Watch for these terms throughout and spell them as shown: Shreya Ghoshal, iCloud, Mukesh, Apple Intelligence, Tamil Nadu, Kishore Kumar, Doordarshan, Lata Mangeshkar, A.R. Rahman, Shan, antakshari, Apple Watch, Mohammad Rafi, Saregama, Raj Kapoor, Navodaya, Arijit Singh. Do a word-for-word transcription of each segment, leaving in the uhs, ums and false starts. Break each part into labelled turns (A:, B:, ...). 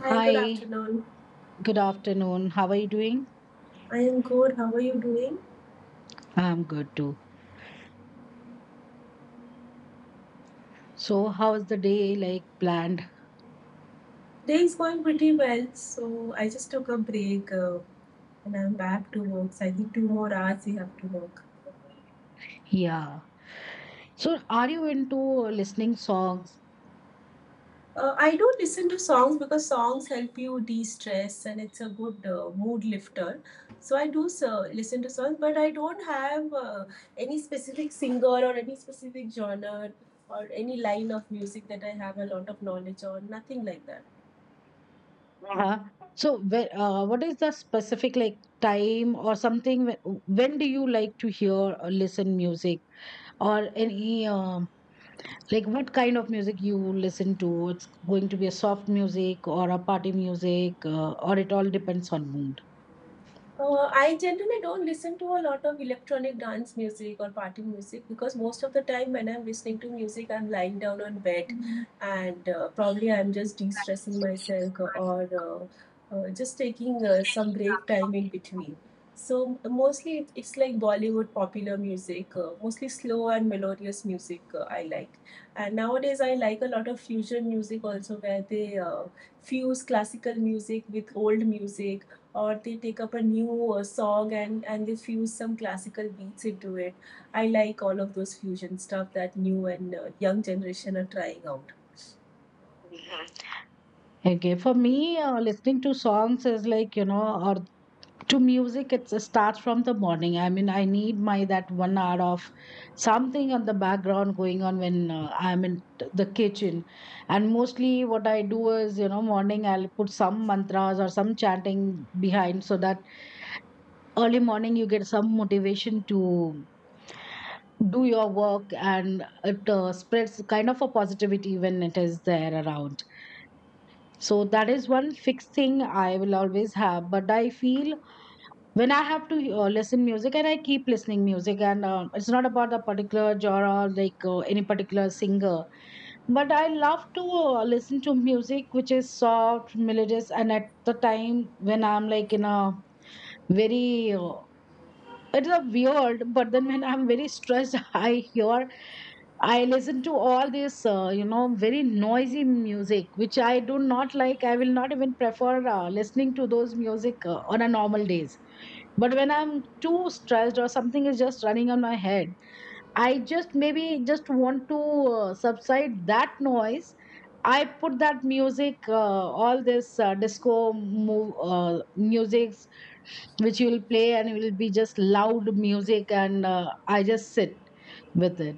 A: Hi, good
B: Hi,
A: afternoon.
B: good afternoon. How are you doing?
A: I am good. How are you doing?
B: I'm good too. So, how's the day like planned?
A: Day is going pretty well. So I just took a break uh, and I'm back to work. So I think two more hours we have to work.
B: Yeah. So, are you into listening songs?
A: Uh, I do listen to songs because songs help you de-stress, and it's a good uh, mood lifter. So I do so, listen to songs, but I don't have uh, any specific singer or any specific genre or any line of music that I have a lot of knowledge on. Nothing like that.
B: Uh-huh. So, where, uh, what is the specific like time or something? wh- When do you like to hear or listen music or any um, like what kind of music you listen to? It's going to be a soft music or a party music, uh, or it all depends on mood.
A: Uh, I generally don't listen to a lot of electronic dance music or party music because most of the time when I'm listening to music, I'm lying down on bed and uh, probably I'm just de stressing myself or uh, uh, just taking uh, some break time in between. So mostly it- it's like Bollywood popular music, uh, mostly slow and melodious music uh, I like. And nowadays I like a lot of fusion music also where they uh, fuse classical music with old music, or they take up a new uh, song, and and they fuse some classical beats into it. I like all of those fusion stuff that new and uh, young generation are trying out.
B: Okay, for me, uh, listening to songs is like, you know, or to music, it starts from the morning. I mean, I need my that one hour of something on the background going on when uh, I'm in t- the kitchen. And mostly what I do is, you know, morning I'll put some mantras or some chanting behind, so that early morning you get some motivation to do your work, and it uh, spreads kind of a positivity when it is there around. So that is one fixed thing I will always have. But I feel when I have to uh, listen music, and I keep listening music, and uh, it's not about the particular genre or like uh, any particular singer, but I love to uh, listen to music which is soft, melodious. And at the time when I'm like in a very uh, it's a weird, but then when I'm very stressed, I hear, I listen to all this uh, you know, very noisy music, which I do not like. I will not even prefer uh, listening to those music uh, on a normal days. But when I'm too stressed or something is just running on my head, I just maybe just want to uh, subside that noise. I put that music, uh, all this uh, disco move, uh, musics which you will play, and it will be just loud music, and uh, I just sit with it.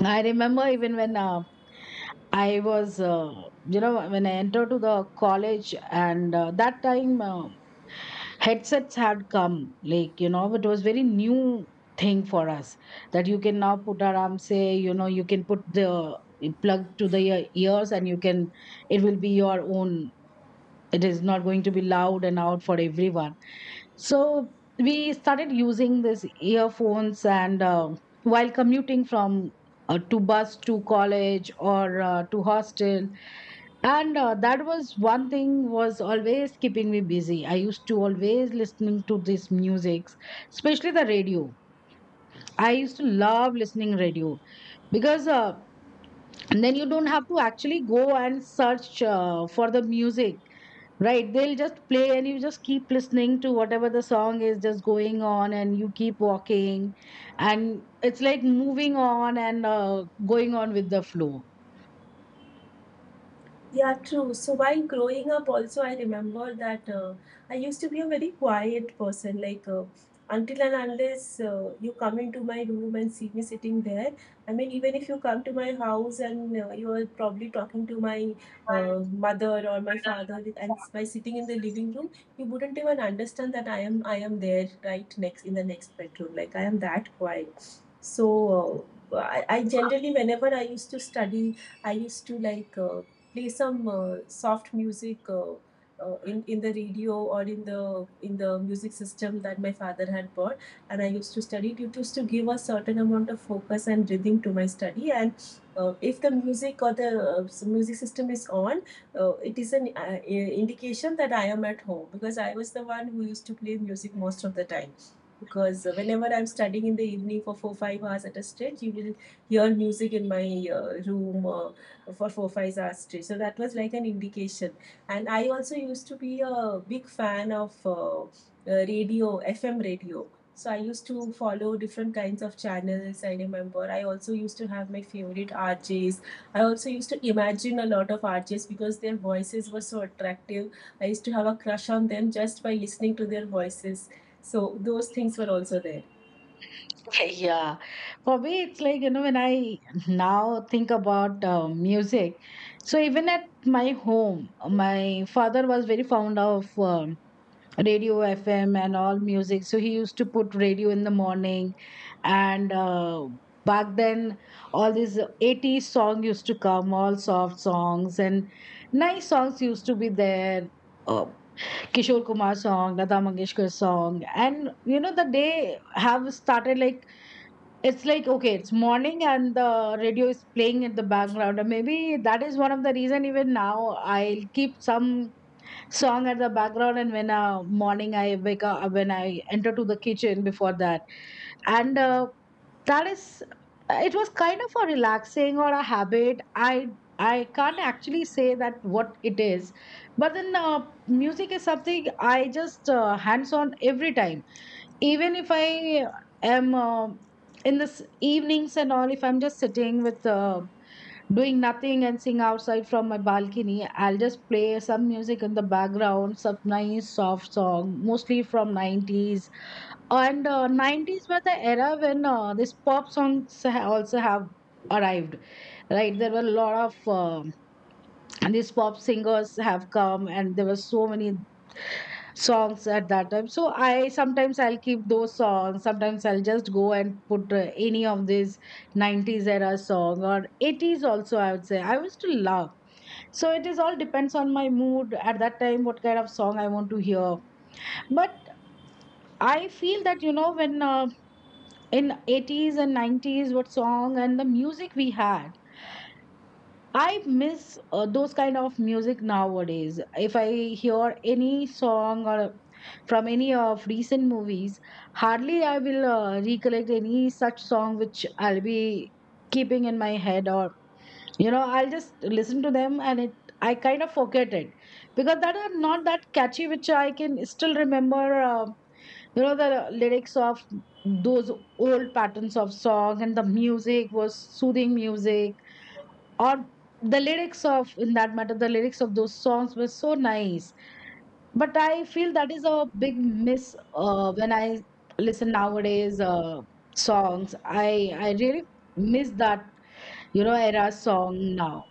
B: I remember even when uh, I was, uh, you know, when I entered to the college, and uh, that time uh, headsets had come, like, you know, it was very new thing for us, that you can now put aram, say, you know, you can put the eh, plug to the ear- ears, and you can, it will be your own, it is not going to be loud and out for everyone. So we started using this earphones, and uh, while commuting from uh, to bus to college or uh, to hostel. And uh, that was one thing was always keeping me busy. I used to always listening to this musics, especially the radio. I used to love listening radio, because uh, then you don't have to actually go and search uh, for the music, right? They'll just play and you just keep listening to whatever the song is just going on, and you keep walking, and it's like moving on and uh, going on with the flow.
A: Yeah, true. So while growing up, also I remember that uh, I used to be a very quiet person. Like, uh, until and unless uh, you come into my room and see me sitting there. I mean, even if you come to my house and uh, you are probably talking to my uh, mother or my father, with- and s- by sitting in the living room, you wouldn't even understand that I am I am there right next in the next bedroom. Like, I am that quiet. So uh, I, I generally, whenever I used to study, I used to like. Uh, play some uh, soft music, uh, uh, in in the radio, or in the in the music system that my father had bought. And I used to study. It used to give a certain amount of focus and rhythm to my study. And uh, if the music or the uh, music system is on, uh, it is an uh, indication that I am at home, because I was the one who used to play music most of the time. Because uh, whenever I'm studying in the evening for four five hours at a stretch, you will hear music in my uh, room uh, for four five hours straight. So that was like an indication. And I also used to be a big fan of uh, uh, radio, F M radio. So I used to follow different kinds of channels. I remember I also used to have my favorite R Js. I also used to imagine a lot of R Js because their voices were so attractive. I used to have a crush on them just by listening to their voices. So those things were also there.
B: Yeah, for me, it's like, you know, when I now think about uh, music, so even at my home, my father was very fond of um, radio F M and all music. So he used to put radio in the morning, and uh, back then, all these eighties song used to come, all soft songs and nice songs used to be there. Uh, Kishore Kumar song, Lata Mangeshkar song, and you know the day have started, like, it's like, okay, it's morning and the radio is playing in the background. And maybe that is one of the reason even now I'll keep some song at the background. And when uh, morning I wake up, uh, when I enter to the kitchen before that. And uh, that is, it was kind of a relaxing or a habit. I I can't actually say that what it is, but then uh, music is something I just uh, hands on every time, even if I am um in this evenings and all, if I'm just sitting with uh, doing nothing and seeing outside from my balcony, I'll just play some music in the background, some nice soft song, mostly from nineties. And uh, nineties were the era when uh, these pop songs ha- also have arrived, right? There were a lot of uh, and these pop singers have come, and there were so many songs at that time. So I sometimes I'll keep those songs, sometimes I'll just go and put uh, any of these nineties era song or eighties, also I would say I used to love. So it is all depends on my mood at that time, what kind of song I want to hear. But I feel that, you know, when uh, in eighties and nineties what song and the music we had, I miss uh, those kind of music nowadays. If I hear any song or from any of recent movies, hardly I will uh, recollect any such song which I'll be keeping in my head, or, you know, I'll just listen to them and it, I kind of forget it, because that are not that catchy, which I can still remember. Uh, you know, the lyrics of those old patterns of song and the music was soothing music, or the lyrics of, in that matter, the lyrics of those songs were so nice. But I feel that is a big miss uh, when I listen nowadays uh, songs, i i really miss that, you know, era song now.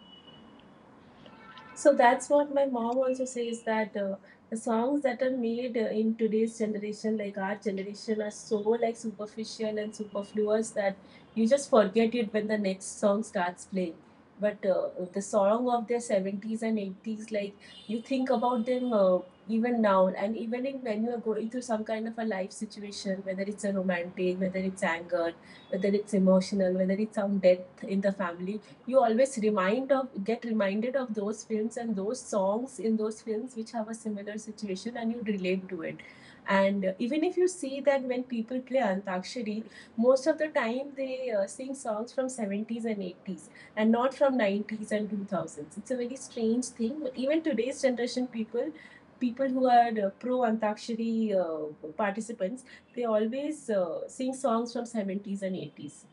A: So that's what my mom also says, that uh, the songs that are made uh, in today's generation, like our generation, are so like superficial and superfluous that you just forget it when the next song starts playing. But uh, the song of their seventies and eighties, like, you think about them uh, even now. And even in, when you are going through some kind of a life situation, whether it's a romantic, whether it's anger, whether it's emotional, whether it's some death in the family, you always remind of get reminded of those films and those songs in those films which have a similar situation, and you relate to it. And even if you see that when people play antakshari, most of the time they uh, sing songs from seventies and eighties, and not from nineties and two thousands. It's a very strange thing. Even today's generation, people people who are uh, pro antakshari uh, participants, they always uh, sing songs from seventies and eighties.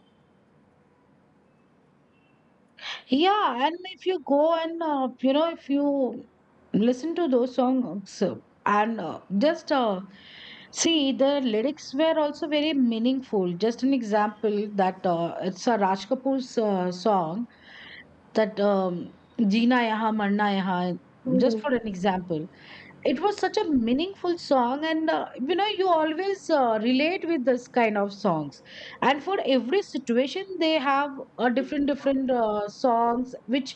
B: Yeah, and if you go and uh, you know, if you listen to those songs uh, and uh, just uh, see the lyrics were also very meaningful. Just an example that uh, it's a Raj Kapoor's uh, song, that um, "Jeena Yaha Marna Yaha." Just
A: Hmm.
B: for an example, it was such a meaningful song, and uh, you know, you always uh, relate with this kind of songs. And for every situation they have a different different uh, songs which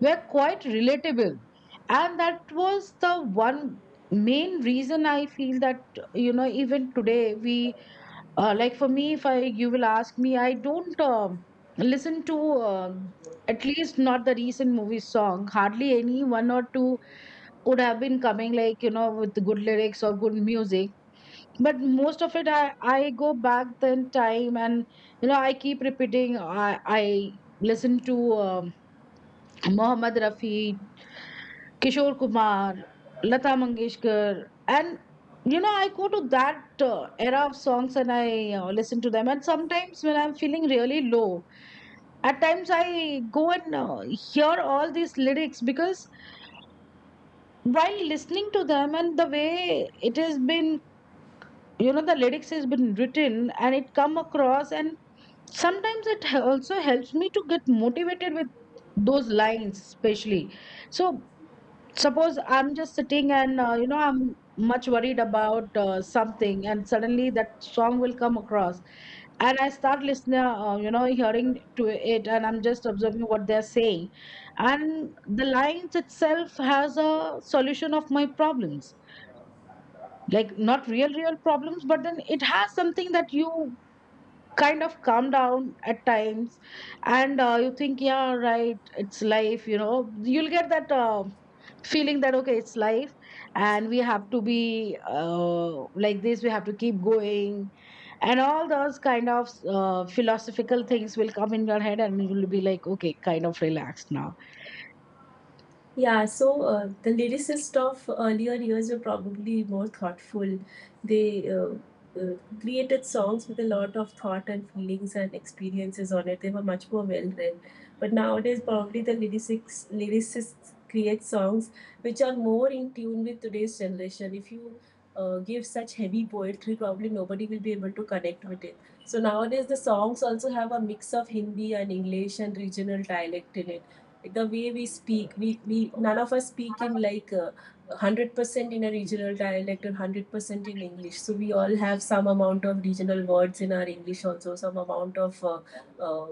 B: were quite relatable. And that was the one main reason I feel that, you know, even today we uh, like, for me, if I you will ask me, I don't um, listen to um, at least not the recent movie song. Hardly any one or two would have been coming, like, you know, with good lyrics or good music. But most of it, i i go back then time, and, you know, I keep repeating, i i listen to um, Mohammad Rafi, Kishore Kumar, Lata Mangeshkar. And, you know, I go to that uh, era of songs, and I uh, listen to them. And sometimes when I'm feeling really low, at times I go and uh, hear all these lyrics, because while listening to them and the way it has been, you know, the lyrics has been written and it come across, and sometimes it h- also helps me to get motivated with those lines, especially. So suppose I'm just sitting and uh, you know, I'm much worried about uh, something, and suddenly that song will come across, and I start listening uh, you know, hearing to it, and I'm just observing what they're saying. And the lines itself has a solution of my problems, like, not real real problems, but then it has something that you kind of calm down at times. And uh, you think, yeah, right, it's life, you know. You'll get that uh, feeling that, okay, it's life, and we have to be uh, like this, we have to keep going. And all those kind of uh, philosophical things will come in your head, and you'll be like, okay, kind of relaxed now.
A: Yeah, so uh, the lyricists of earlier years were probably more thoughtful. They uh, uh, created songs with a lot of thought and feelings and experiences on it. They were much more well read. But nowadays, probably the lyricists, lyricists create songs which are more in tune with today's generation. If you uh, give such heavy poetry, probably nobody will be able to connect with it. So nowadays, the songs also have a mix of Hindi and English and regional dialect in it. The way we speak we, we none of us speak in, like, uh, one hundred percent in a regional dialect, or one hundred percent in English. So we all have some amount of regional words in our English, also some amount of uh, uh,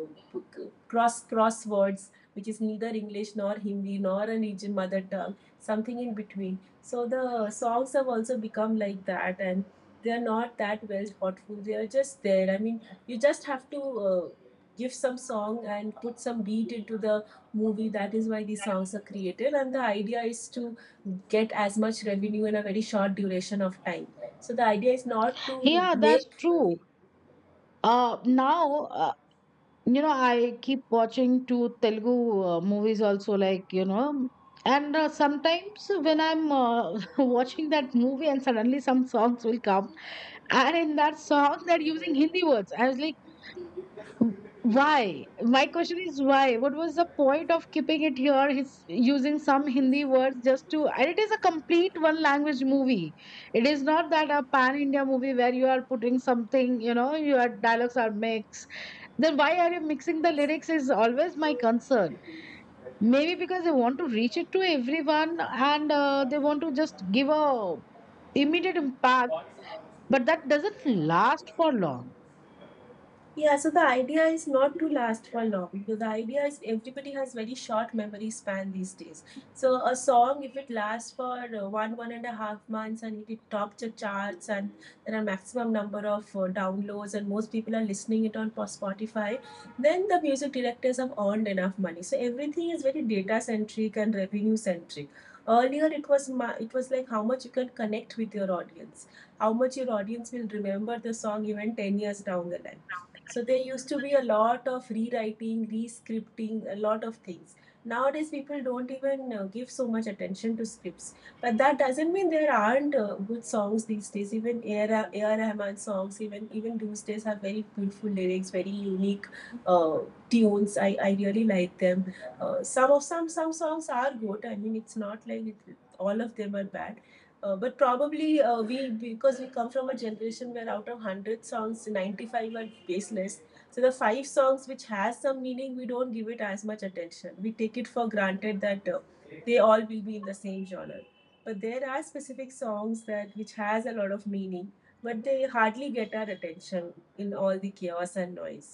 A: cross cross words which is neither English nor Hindi nor a region mother tongue, something in between. So the songs have also become like that, and they are not that well thoughtful. They are just there. I mean, you just have to uh, give some song and put some beat into the movie. That is why these songs are created, and the idea is to get as much revenue in a very short duration of time. So the idea is not to
B: Yeah, that's
A: make.
B: true. Uh, now uh, you know, I keep watching two Telugu uh, movies also, like, you know. And uh, sometimes when I'm uh, watching that movie, and suddenly some songs will come, and in that song they're using Hindi words. I was like, why? My question is why? What was the point of keeping it here? He's using some Hindi words just to, and it is a complete one language movie. It is not that a pan India movie where you are putting something, you know, your dialogues are mixed. Then why are you mixing the lyrics? Is always my concern. Maybe because they want to reach it to everyone, and uh, they want to just give a immediate impact, but that doesn't last for long.
A: Yeah, so the idea is not to last for long. So the idea is, everybody has very short memory span these days. So a song, if it lasts for uh, one one and a half months, and if it tops the charts, and there are maximum number of uh, downloads, and most people are listening it on po- Spotify, then the music directors have earned enough money. So everything is very data centric and revenue centric. Earlier, it was ma- it was like how much you can connect with your audience, how much your audience will remember the song even ten years down the line. So there used to be a lot of rewriting, re-scripting, a lot of things. Nowadays, people don't even uh, give so much attention to scripts. But that doesn't mean there aren't uh, good songs these days. Even A R. Rahman songs, even even these days, have very beautiful lyrics, very unique uh, tunes. I, I really like them. Uh, some of some some songs are good. I mean, it's not like it, all of them are bad, uh, but probably, uh, we, because we come from a generation where out of one hundred songs, ninety-five are baseless, so the five songs which has some meaning, we don't give it as much attention. We take it for granted that uh, they all will be in the same genre. But there are specific songs that which has a lot of meaning, but they hardly get our attention in all the chaos and noise.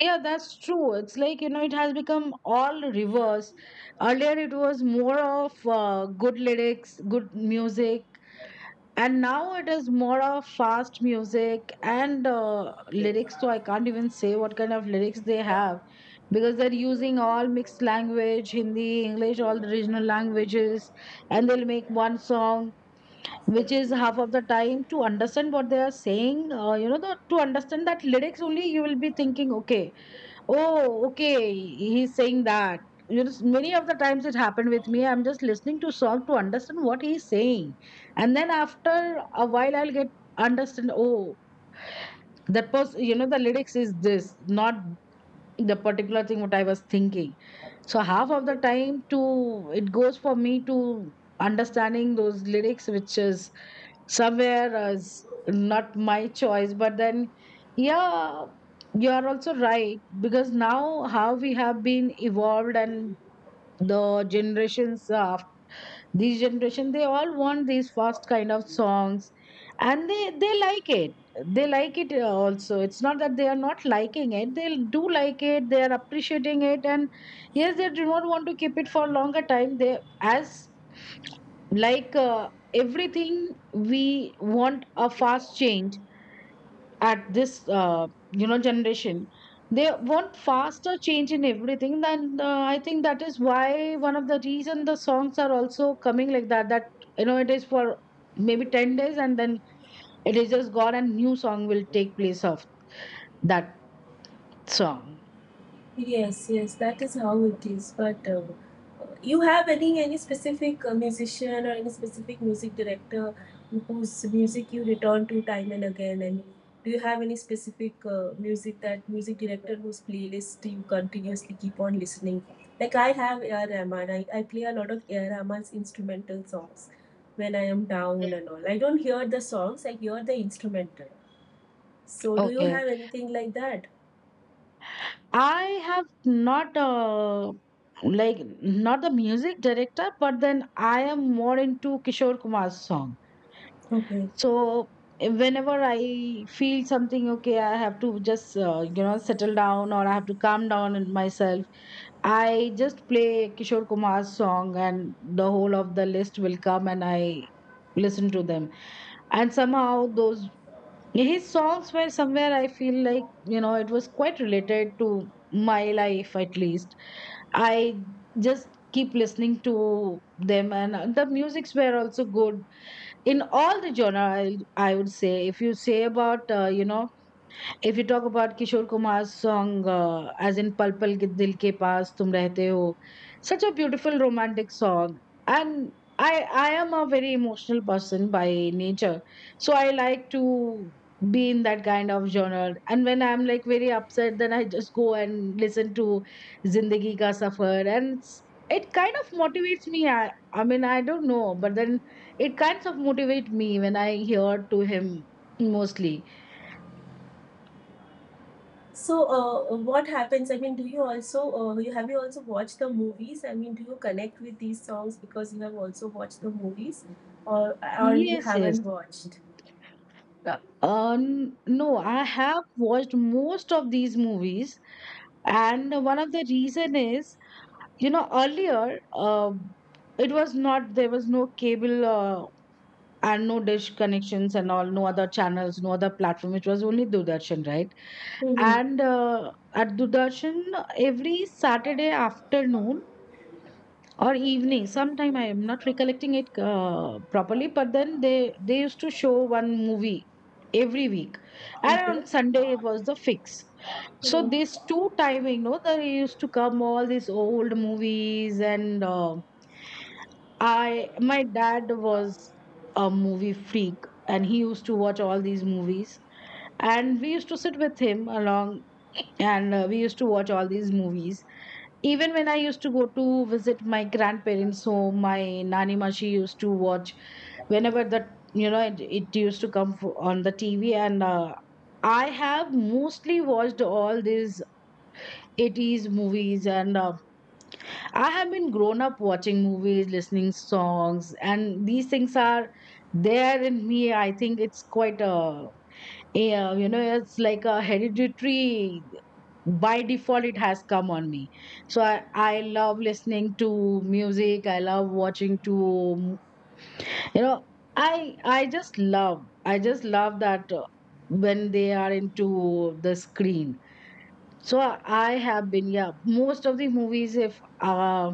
B: Yeah, that's true. It's like, you know, it has become all reverse. Earlier, it was more of uh, good lyrics, good music, and now it is more of fast music and uh, lyrics. So I can't even say what kind of lyrics they have, because they're using all mixed language, Hindi, English, all the regional languages, and they'll make one song. Which is half of the time to understand what they are saying, uh, you know, the, to understand that lyrics only, you will be thinking, okay, oh, okay, he's saying that. You know, many of the times it happened with me. I'm just listening to song to understand what he's saying, and then after a while, I'll get understand. Oh, that was you know the lyrics is this, not the particular thing what I was thinking. So half of the time to it goes for me to understanding those lyrics, which is somewhere as not my choice. But then, yeah, you are also right because now how we have been evolved and the generations uh, these generation they all want these fast kind of songs, and they they like it. They like it uh, also. It's not that they are not liking it. They do like it. They are appreciating it, and yes, they do not want to keep it for longer time. They as like uh, everything we want a fast change at this uh, you know generation they want faster change in everything. Then uh, I think that is why one of the reason the songs are also coming like that that you know it is for maybe ten days and then it is just gone and new song will take place of that song.
A: Yes, yes, that is how it is. But uh, you have any any specific uh, musician or any specific music director whose music you return to time and again? And do you have any specific uh, music that music director whose playlist you continuously keep on listening? Like, I have A R. Rahman. I, I play a lot of A R. Rahman's instrumental songs when I am down and all. I don't hear the songs. I hear the instrumental. So do you
B: Okay,
A: have anything like that?
B: I have not uh, like not the music director but then I am more into Kishore Kumar's song.
A: Okay.
B: So eh, whenever I feel something, okay, I have to just, uh, you know, settle down or I have to calm down in myself, I just play Kishore Kumar's song and the whole of the list will come and I listen to them. And somehow those, his songs were somewhere I feel like, you know, it was quite related to my life at least. I just keep listening to them and the musics were also good in all the genre. i, I would say if you say about uh, you know if you talk about Kishore Kumar's song, uh, as in Pal Pal Ke Dil Ke Paas Tum Rehte Ho, such a beautiful romantic song. And I, I am a very emotional person by nature. So I like to be in that kind of genre. And when I'm like very upset, then I just go and listen to Zindagi Ka Safar. And it's, it kind of motivates me. I, I mean, I don't know, but then it kinds of motivate me when I hear to him mostly.
A: So, uh, what happens? I mean, do you also uh, you have you also watched the movies? I mean, do you connect with these songs because you have also watched the movies, or or you
B: Yes, yes.
A: haven't watched?
B: Uh, uh, n- no, I have watched most of these movies, and one of the reason is, you know, earlier, uh, it was not there was no cable uh, and no dish connections and all, no other channels, no other platform. It was only Doordarshan, right?
A: Mm-hmm.
B: And uh, at Doordarshan, every Saturday afternoon, or evening sometime I am not recollecting it uh, properly but then they they used to show one movie every week and on
A: Okay.
B: Sunday it was the fix. So
A: hmm
B: these two timing no they used to come all these old movies and uh, I my dad was a movie freak and he used to watch all these movies and we used to sit with him along and uh, we used to watch all these movies. Even when I used to go to visit my grandparents home, my nani ma she used to watch whenever that you know it, it used to come f- on the TV and uh, I have mostly watched all these eighties movies and uh, I have been grown up watching movies listening songs and these things are there in me. I think it's quite a yeah, you know, it's like a hereditary, by default it has come on me. So i, I love listening to music, I love watching to you know i i just love, I just love that uh, when they are into the screen. So I have been, yeah, most of the movies if uh,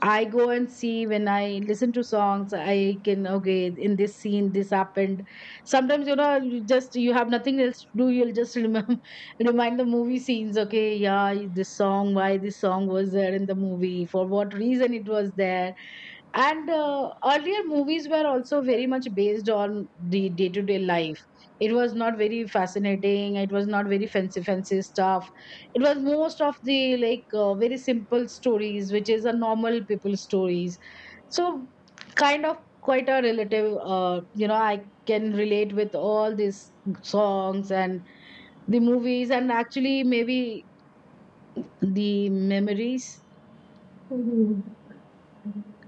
B: I go and see when I listen to songs, I can, okay, in this scene, this happened. Sometimes, you know, you just, you have nothing else to do. You'll just remember, remind the movie scenes. Okay. Yeah. This song, why this song was there in the movie, for what reason it was there. And uh, earlier movies were also very much based on the day to day life. It was not very fascinating, it was not very fancy fancy stuff. It was most of the like uh, very simple stories which is a normal people stories. So kind of quite a relative uh, you know I can relate with all these songs and the movies and actually maybe the memories.
A: hmm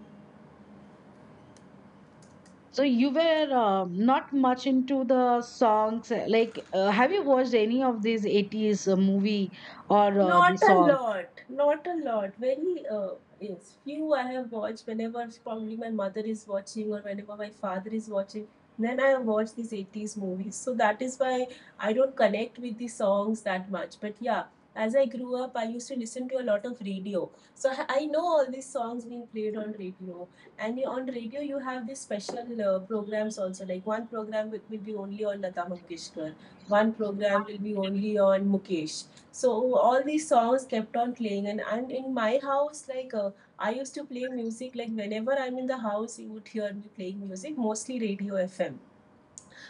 B: So you were uh, not much into the songs. uh, Like, uh, have you watched any of these eighties uh, movie or uh, the
A: Not a
B: songs?
A: lot, not a lot. Very, uh, yes, few I have watched whenever probably my mother is watching, or whenever my father is watching. Then I watch these eighties movies. So that is why I don't connect with the songs that much. But yeah, as I grew up, I used to listen to a lot of radio. So I I know all these songs being played on radio. And you- on radio, you have these special uh, programs also. Like, one program will will be only on Lata Mangeshkar, one program will be only on Mukesh. So all these songs kept on playing. And, and in my house, like, uh, I used to play music, like, whenever I'm in the house, you would hear me playing music, mostly radio FM.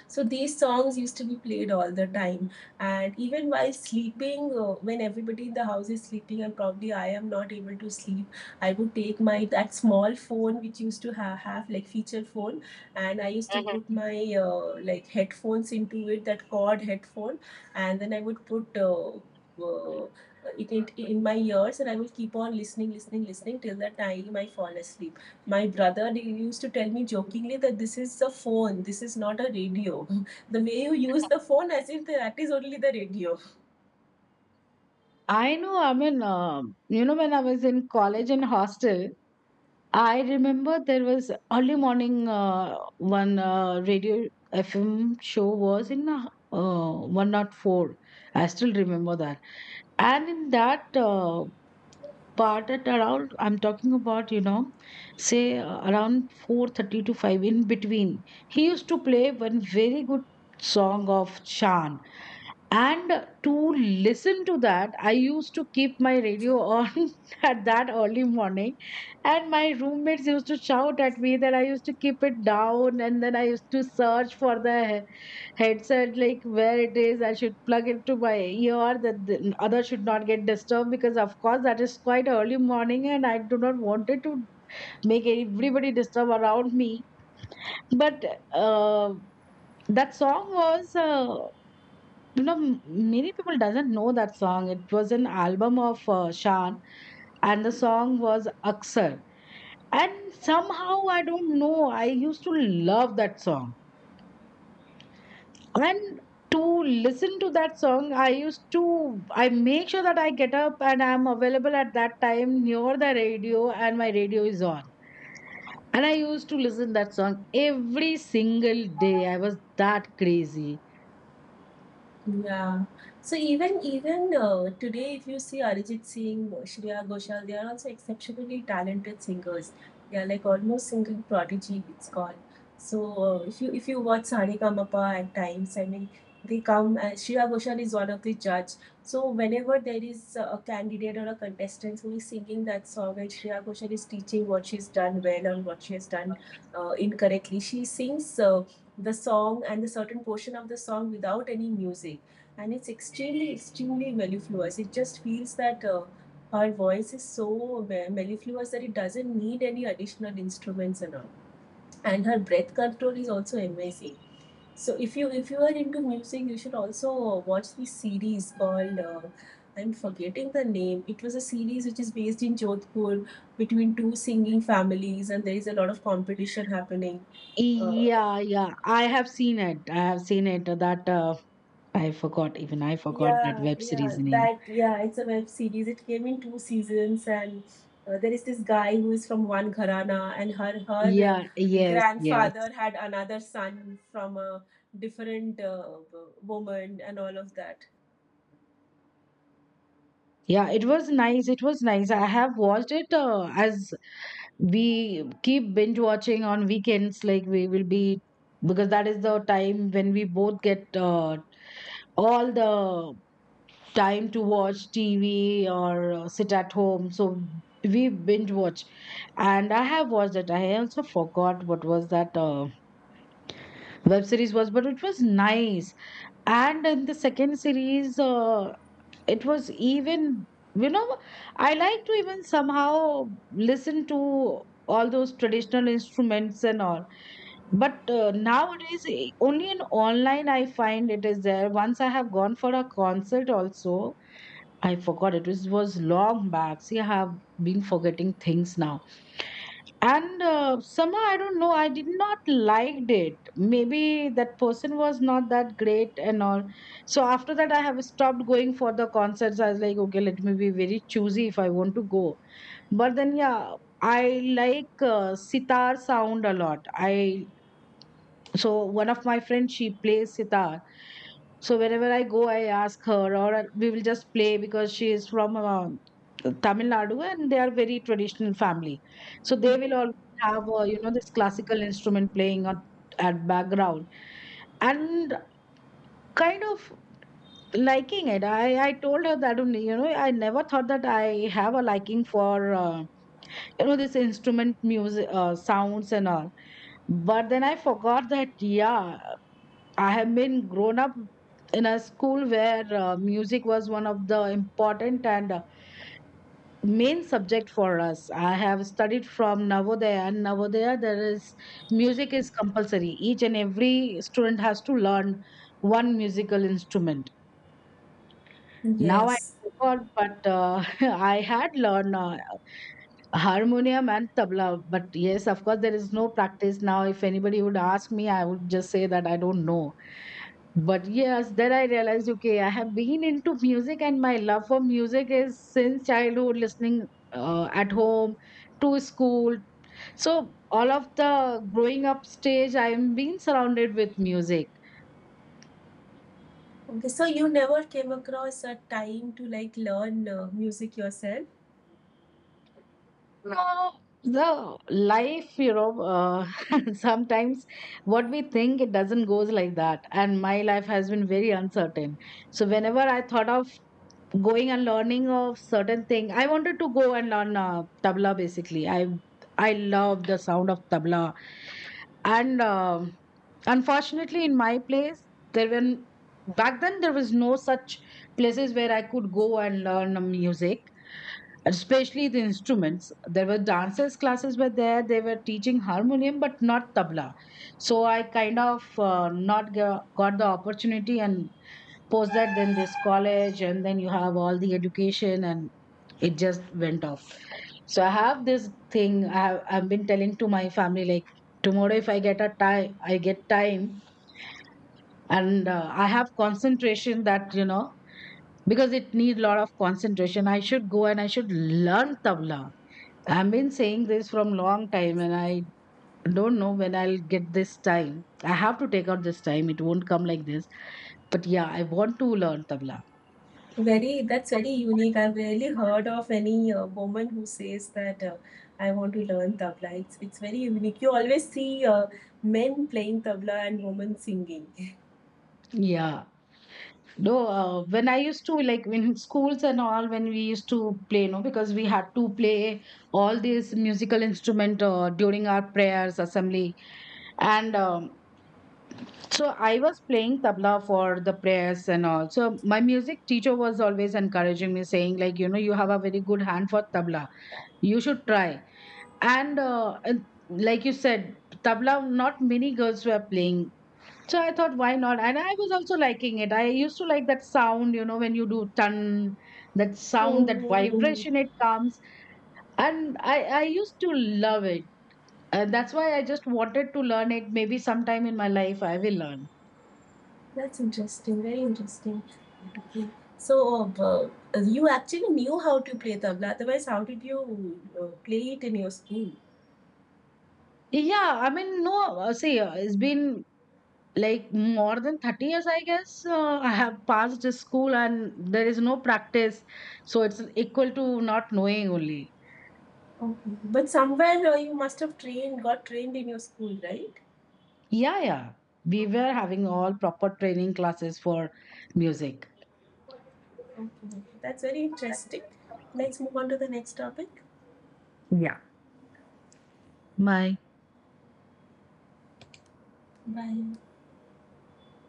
A: So these songs used to be played all the time. And even while sleeping, uh, when everybody in the house is sleeping and probably I am not able to sleep, I would take my that small phone which used to ha- have, like, feature phone, and I used to put
B: Mhm.
A: my, uh, like, headphones into it, that cord headphone, and then I would put. Uh, uh, it, it in my ears, and I will keep on listening, listening, listening till the time I fall asleep. My brother used to tell me jokingly that this is a phone, this is not a radio. The way you use the phone, as if that is only the radio.
B: I know, I mean, um, you know, when I was in college and hostel, I remember there was early morning uh, one uh, radio F M show was in uh, uh, one zero four. I still remember that. And in that uh, but at around, I'm talking about, you know, say uh, around four thirty to five in between, he used to play one very good song of Shan. And to listen to that, I used to keep my radio on at that early morning. And my roommates used to shout at me that I used to keep it down and then I used to search for the headset like where it is I should plug it to my ear that the other should not get disturbed because of course that is quite early morning and I do not want it to make everybody disturb around me. But uh, that song was uh, you know m- many people doesn't know that song, it was an album of uh, Shan and the song was Aksar. And somehow I don't know I used to love that song. And to listen to that song I used to I make sure that I get up and I'm available at that time near the radio and my radio is on and I used to listen that song every single day. I was that crazy.
A: Yeah. So even even uh, today, if you see Arijit Singh, Shreya Ghoshal, they are also exceptionally talented singers. They are like almost singing prodigy, it's called. So uh, if you if you watch Saregama at times, I mean, they come. Uh, Shreya Ghoshal is one of the judge. So whenever there is uh, a candidate or a contestant who is singing that song, and Shreya Ghoshal is teaching what she's done well or what she has done uh, incorrectly, she sings. Uh, the song and the certain portion of the song without any music. And it's extremely extremely mellifluous. It just feels that uh, her voice is so mellifluous that it doesn't need any additional instruments and all, and her breath control is also amazing. So if you if you are into music, you should also watch the series called, uh, I'm forgetting the name. It was a series which is based in Jodhpur, between two singing families, and there is a lot of competition happening. uh,
B: Yeah, yeah, I have seen it, I have seen it that uh, I forgot, even I forgot that
A: Yeah,
B: web series
A: yeah,
B: name.
A: that yeah, it's a web series. It came in two seasons, and uh, there is this guy who is from one gharana, and her her uh,
B: Yeah, yes, yes,
A: grandfather had another son from a different uh, woman, and all of that.
B: yeah, it was nice, it was nice, I have watched it uh, as we keep binge watching on weekends, like we will be because that is the time when we both get uh, all the time to watch TV or uh, sit at home, so we binge watch. And I have watched it, I also forgot what was that uh, web series was but it was nice. And in the second series uh, it was even you know I like to even somehow listen to all those traditional instruments and all. But uh, nowadays eh, only in online I find it is there. Once I have gone for a concert also, I forgot, it was, was long back. See I have been forgetting things now. And uh, somehow I don't know I did not liked it, maybe that person was not that great and all. So after that I have stopped going for the concerts. I was like okay let me be very choosy if I want to go. But then yeah, I like uh, sitar sound a lot. I so one of my friends, she plays sitar. So wherever I go, I ask her, or I- we will just play because she is from uh, Tamil Nadu and they are very traditional family. So they will
A: Mhm.
B: always have, uh, you know, this classical instrument playing on, at background, and kind of liking it. I, I told her that, um, you know, I never thought that I have a liking for, uh, you know, this instrument music uh, sounds and all. But then I forgot that, yeah, I have been grown up in a school where uh, music was one of the important and uh, main subject for us. I have studied from Navodaya, and Navodaya there is music is compulsory. Each and every student has to learn one musical instrument. Now I
A: Yes.
B: forgot, but uh, I had learned uh, harmonium and tabla. But yes, of course, there is no practice now. If anybody would ask me, I would just say that I don't know. But yes, then I realized, okay, I have been into music and my love for music is since childhood, listening uh, at home, to school. So all of the growing up stage, I am being surrounded with music.
A: Okay, so you never came across a time to like learn uh, music yourself.
B: No, the life, you know, uh, sometimes what we think it doesn't goes like that. And my life has been very uncertain. So whenever I thought of going and learning of certain thing, I wanted to go and learn uh, tabla basically. I I love the sound of tabla, and um unfortunately, in my place, there were back then there was no such places where I could go and learn uh, music, especially the instruments. There were dancers classes were there, they were teaching harmonium but not tabla. So I kind of uh, not go- got the opportunity. And post that then this college and then you have all the education and it just went off. So I have this thing I have I've been telling to my family like tomorrow if I get a time I get time and uh, I have concentration that you know because it need lot of concentration I should go and I should learn tabla. I've been saying this from long time and I don't know when I'll get this time. I have to take out this time. It won't come like this. But yeah, I want to learn tabla.
A: Very, that's very unique. I've rarely heard of any uh, woman who says that uh, I want to learn tabla. It's, it's very unique. You always see uh, men playing tabla and women singing.
B: Yeah. No, uh, when I used to like in schools and all, when we used to play, no, because we had to play all these musical instrument uh, during our prayers, assembly. And um, so I was playing tabla for the prayers and all. So my music teacher was always encouraging me, saying like, you know, you have a very good hand for tabla. You should try. And uh, and like you said, tabla, not many girls were playing. So I thought, why not? And I was also liking it. I used to like that sound, you know, when you do tan, that sound, that
A: Mm-hmm.
B: vibration it comes. And I, I used to love it. And that's why I just wanted to learn it. Maybe sometime in my life I will learn.
A: That's interesting. Very interesting. Okay. So, uh, uh, you actually knew how to play tabla. Otherwise, how did you uh, play it in your school?
B: Yeah, I mean, no, uh, see, uh, it's been like more than thirty years, I guess. Uh, I have passed the school and there is no practice. So it's equal to not knowing only.
A: Okay. But somewhere uh, you must have trained, got trained in your school, right?
B: Yeah, yeah. We were having
A: Okay.
B: all proper training classes for music.
A: Okay, okay. That's very interesting. Let's move on to the next topic.
B: Yeah. Bye.
A: Bye.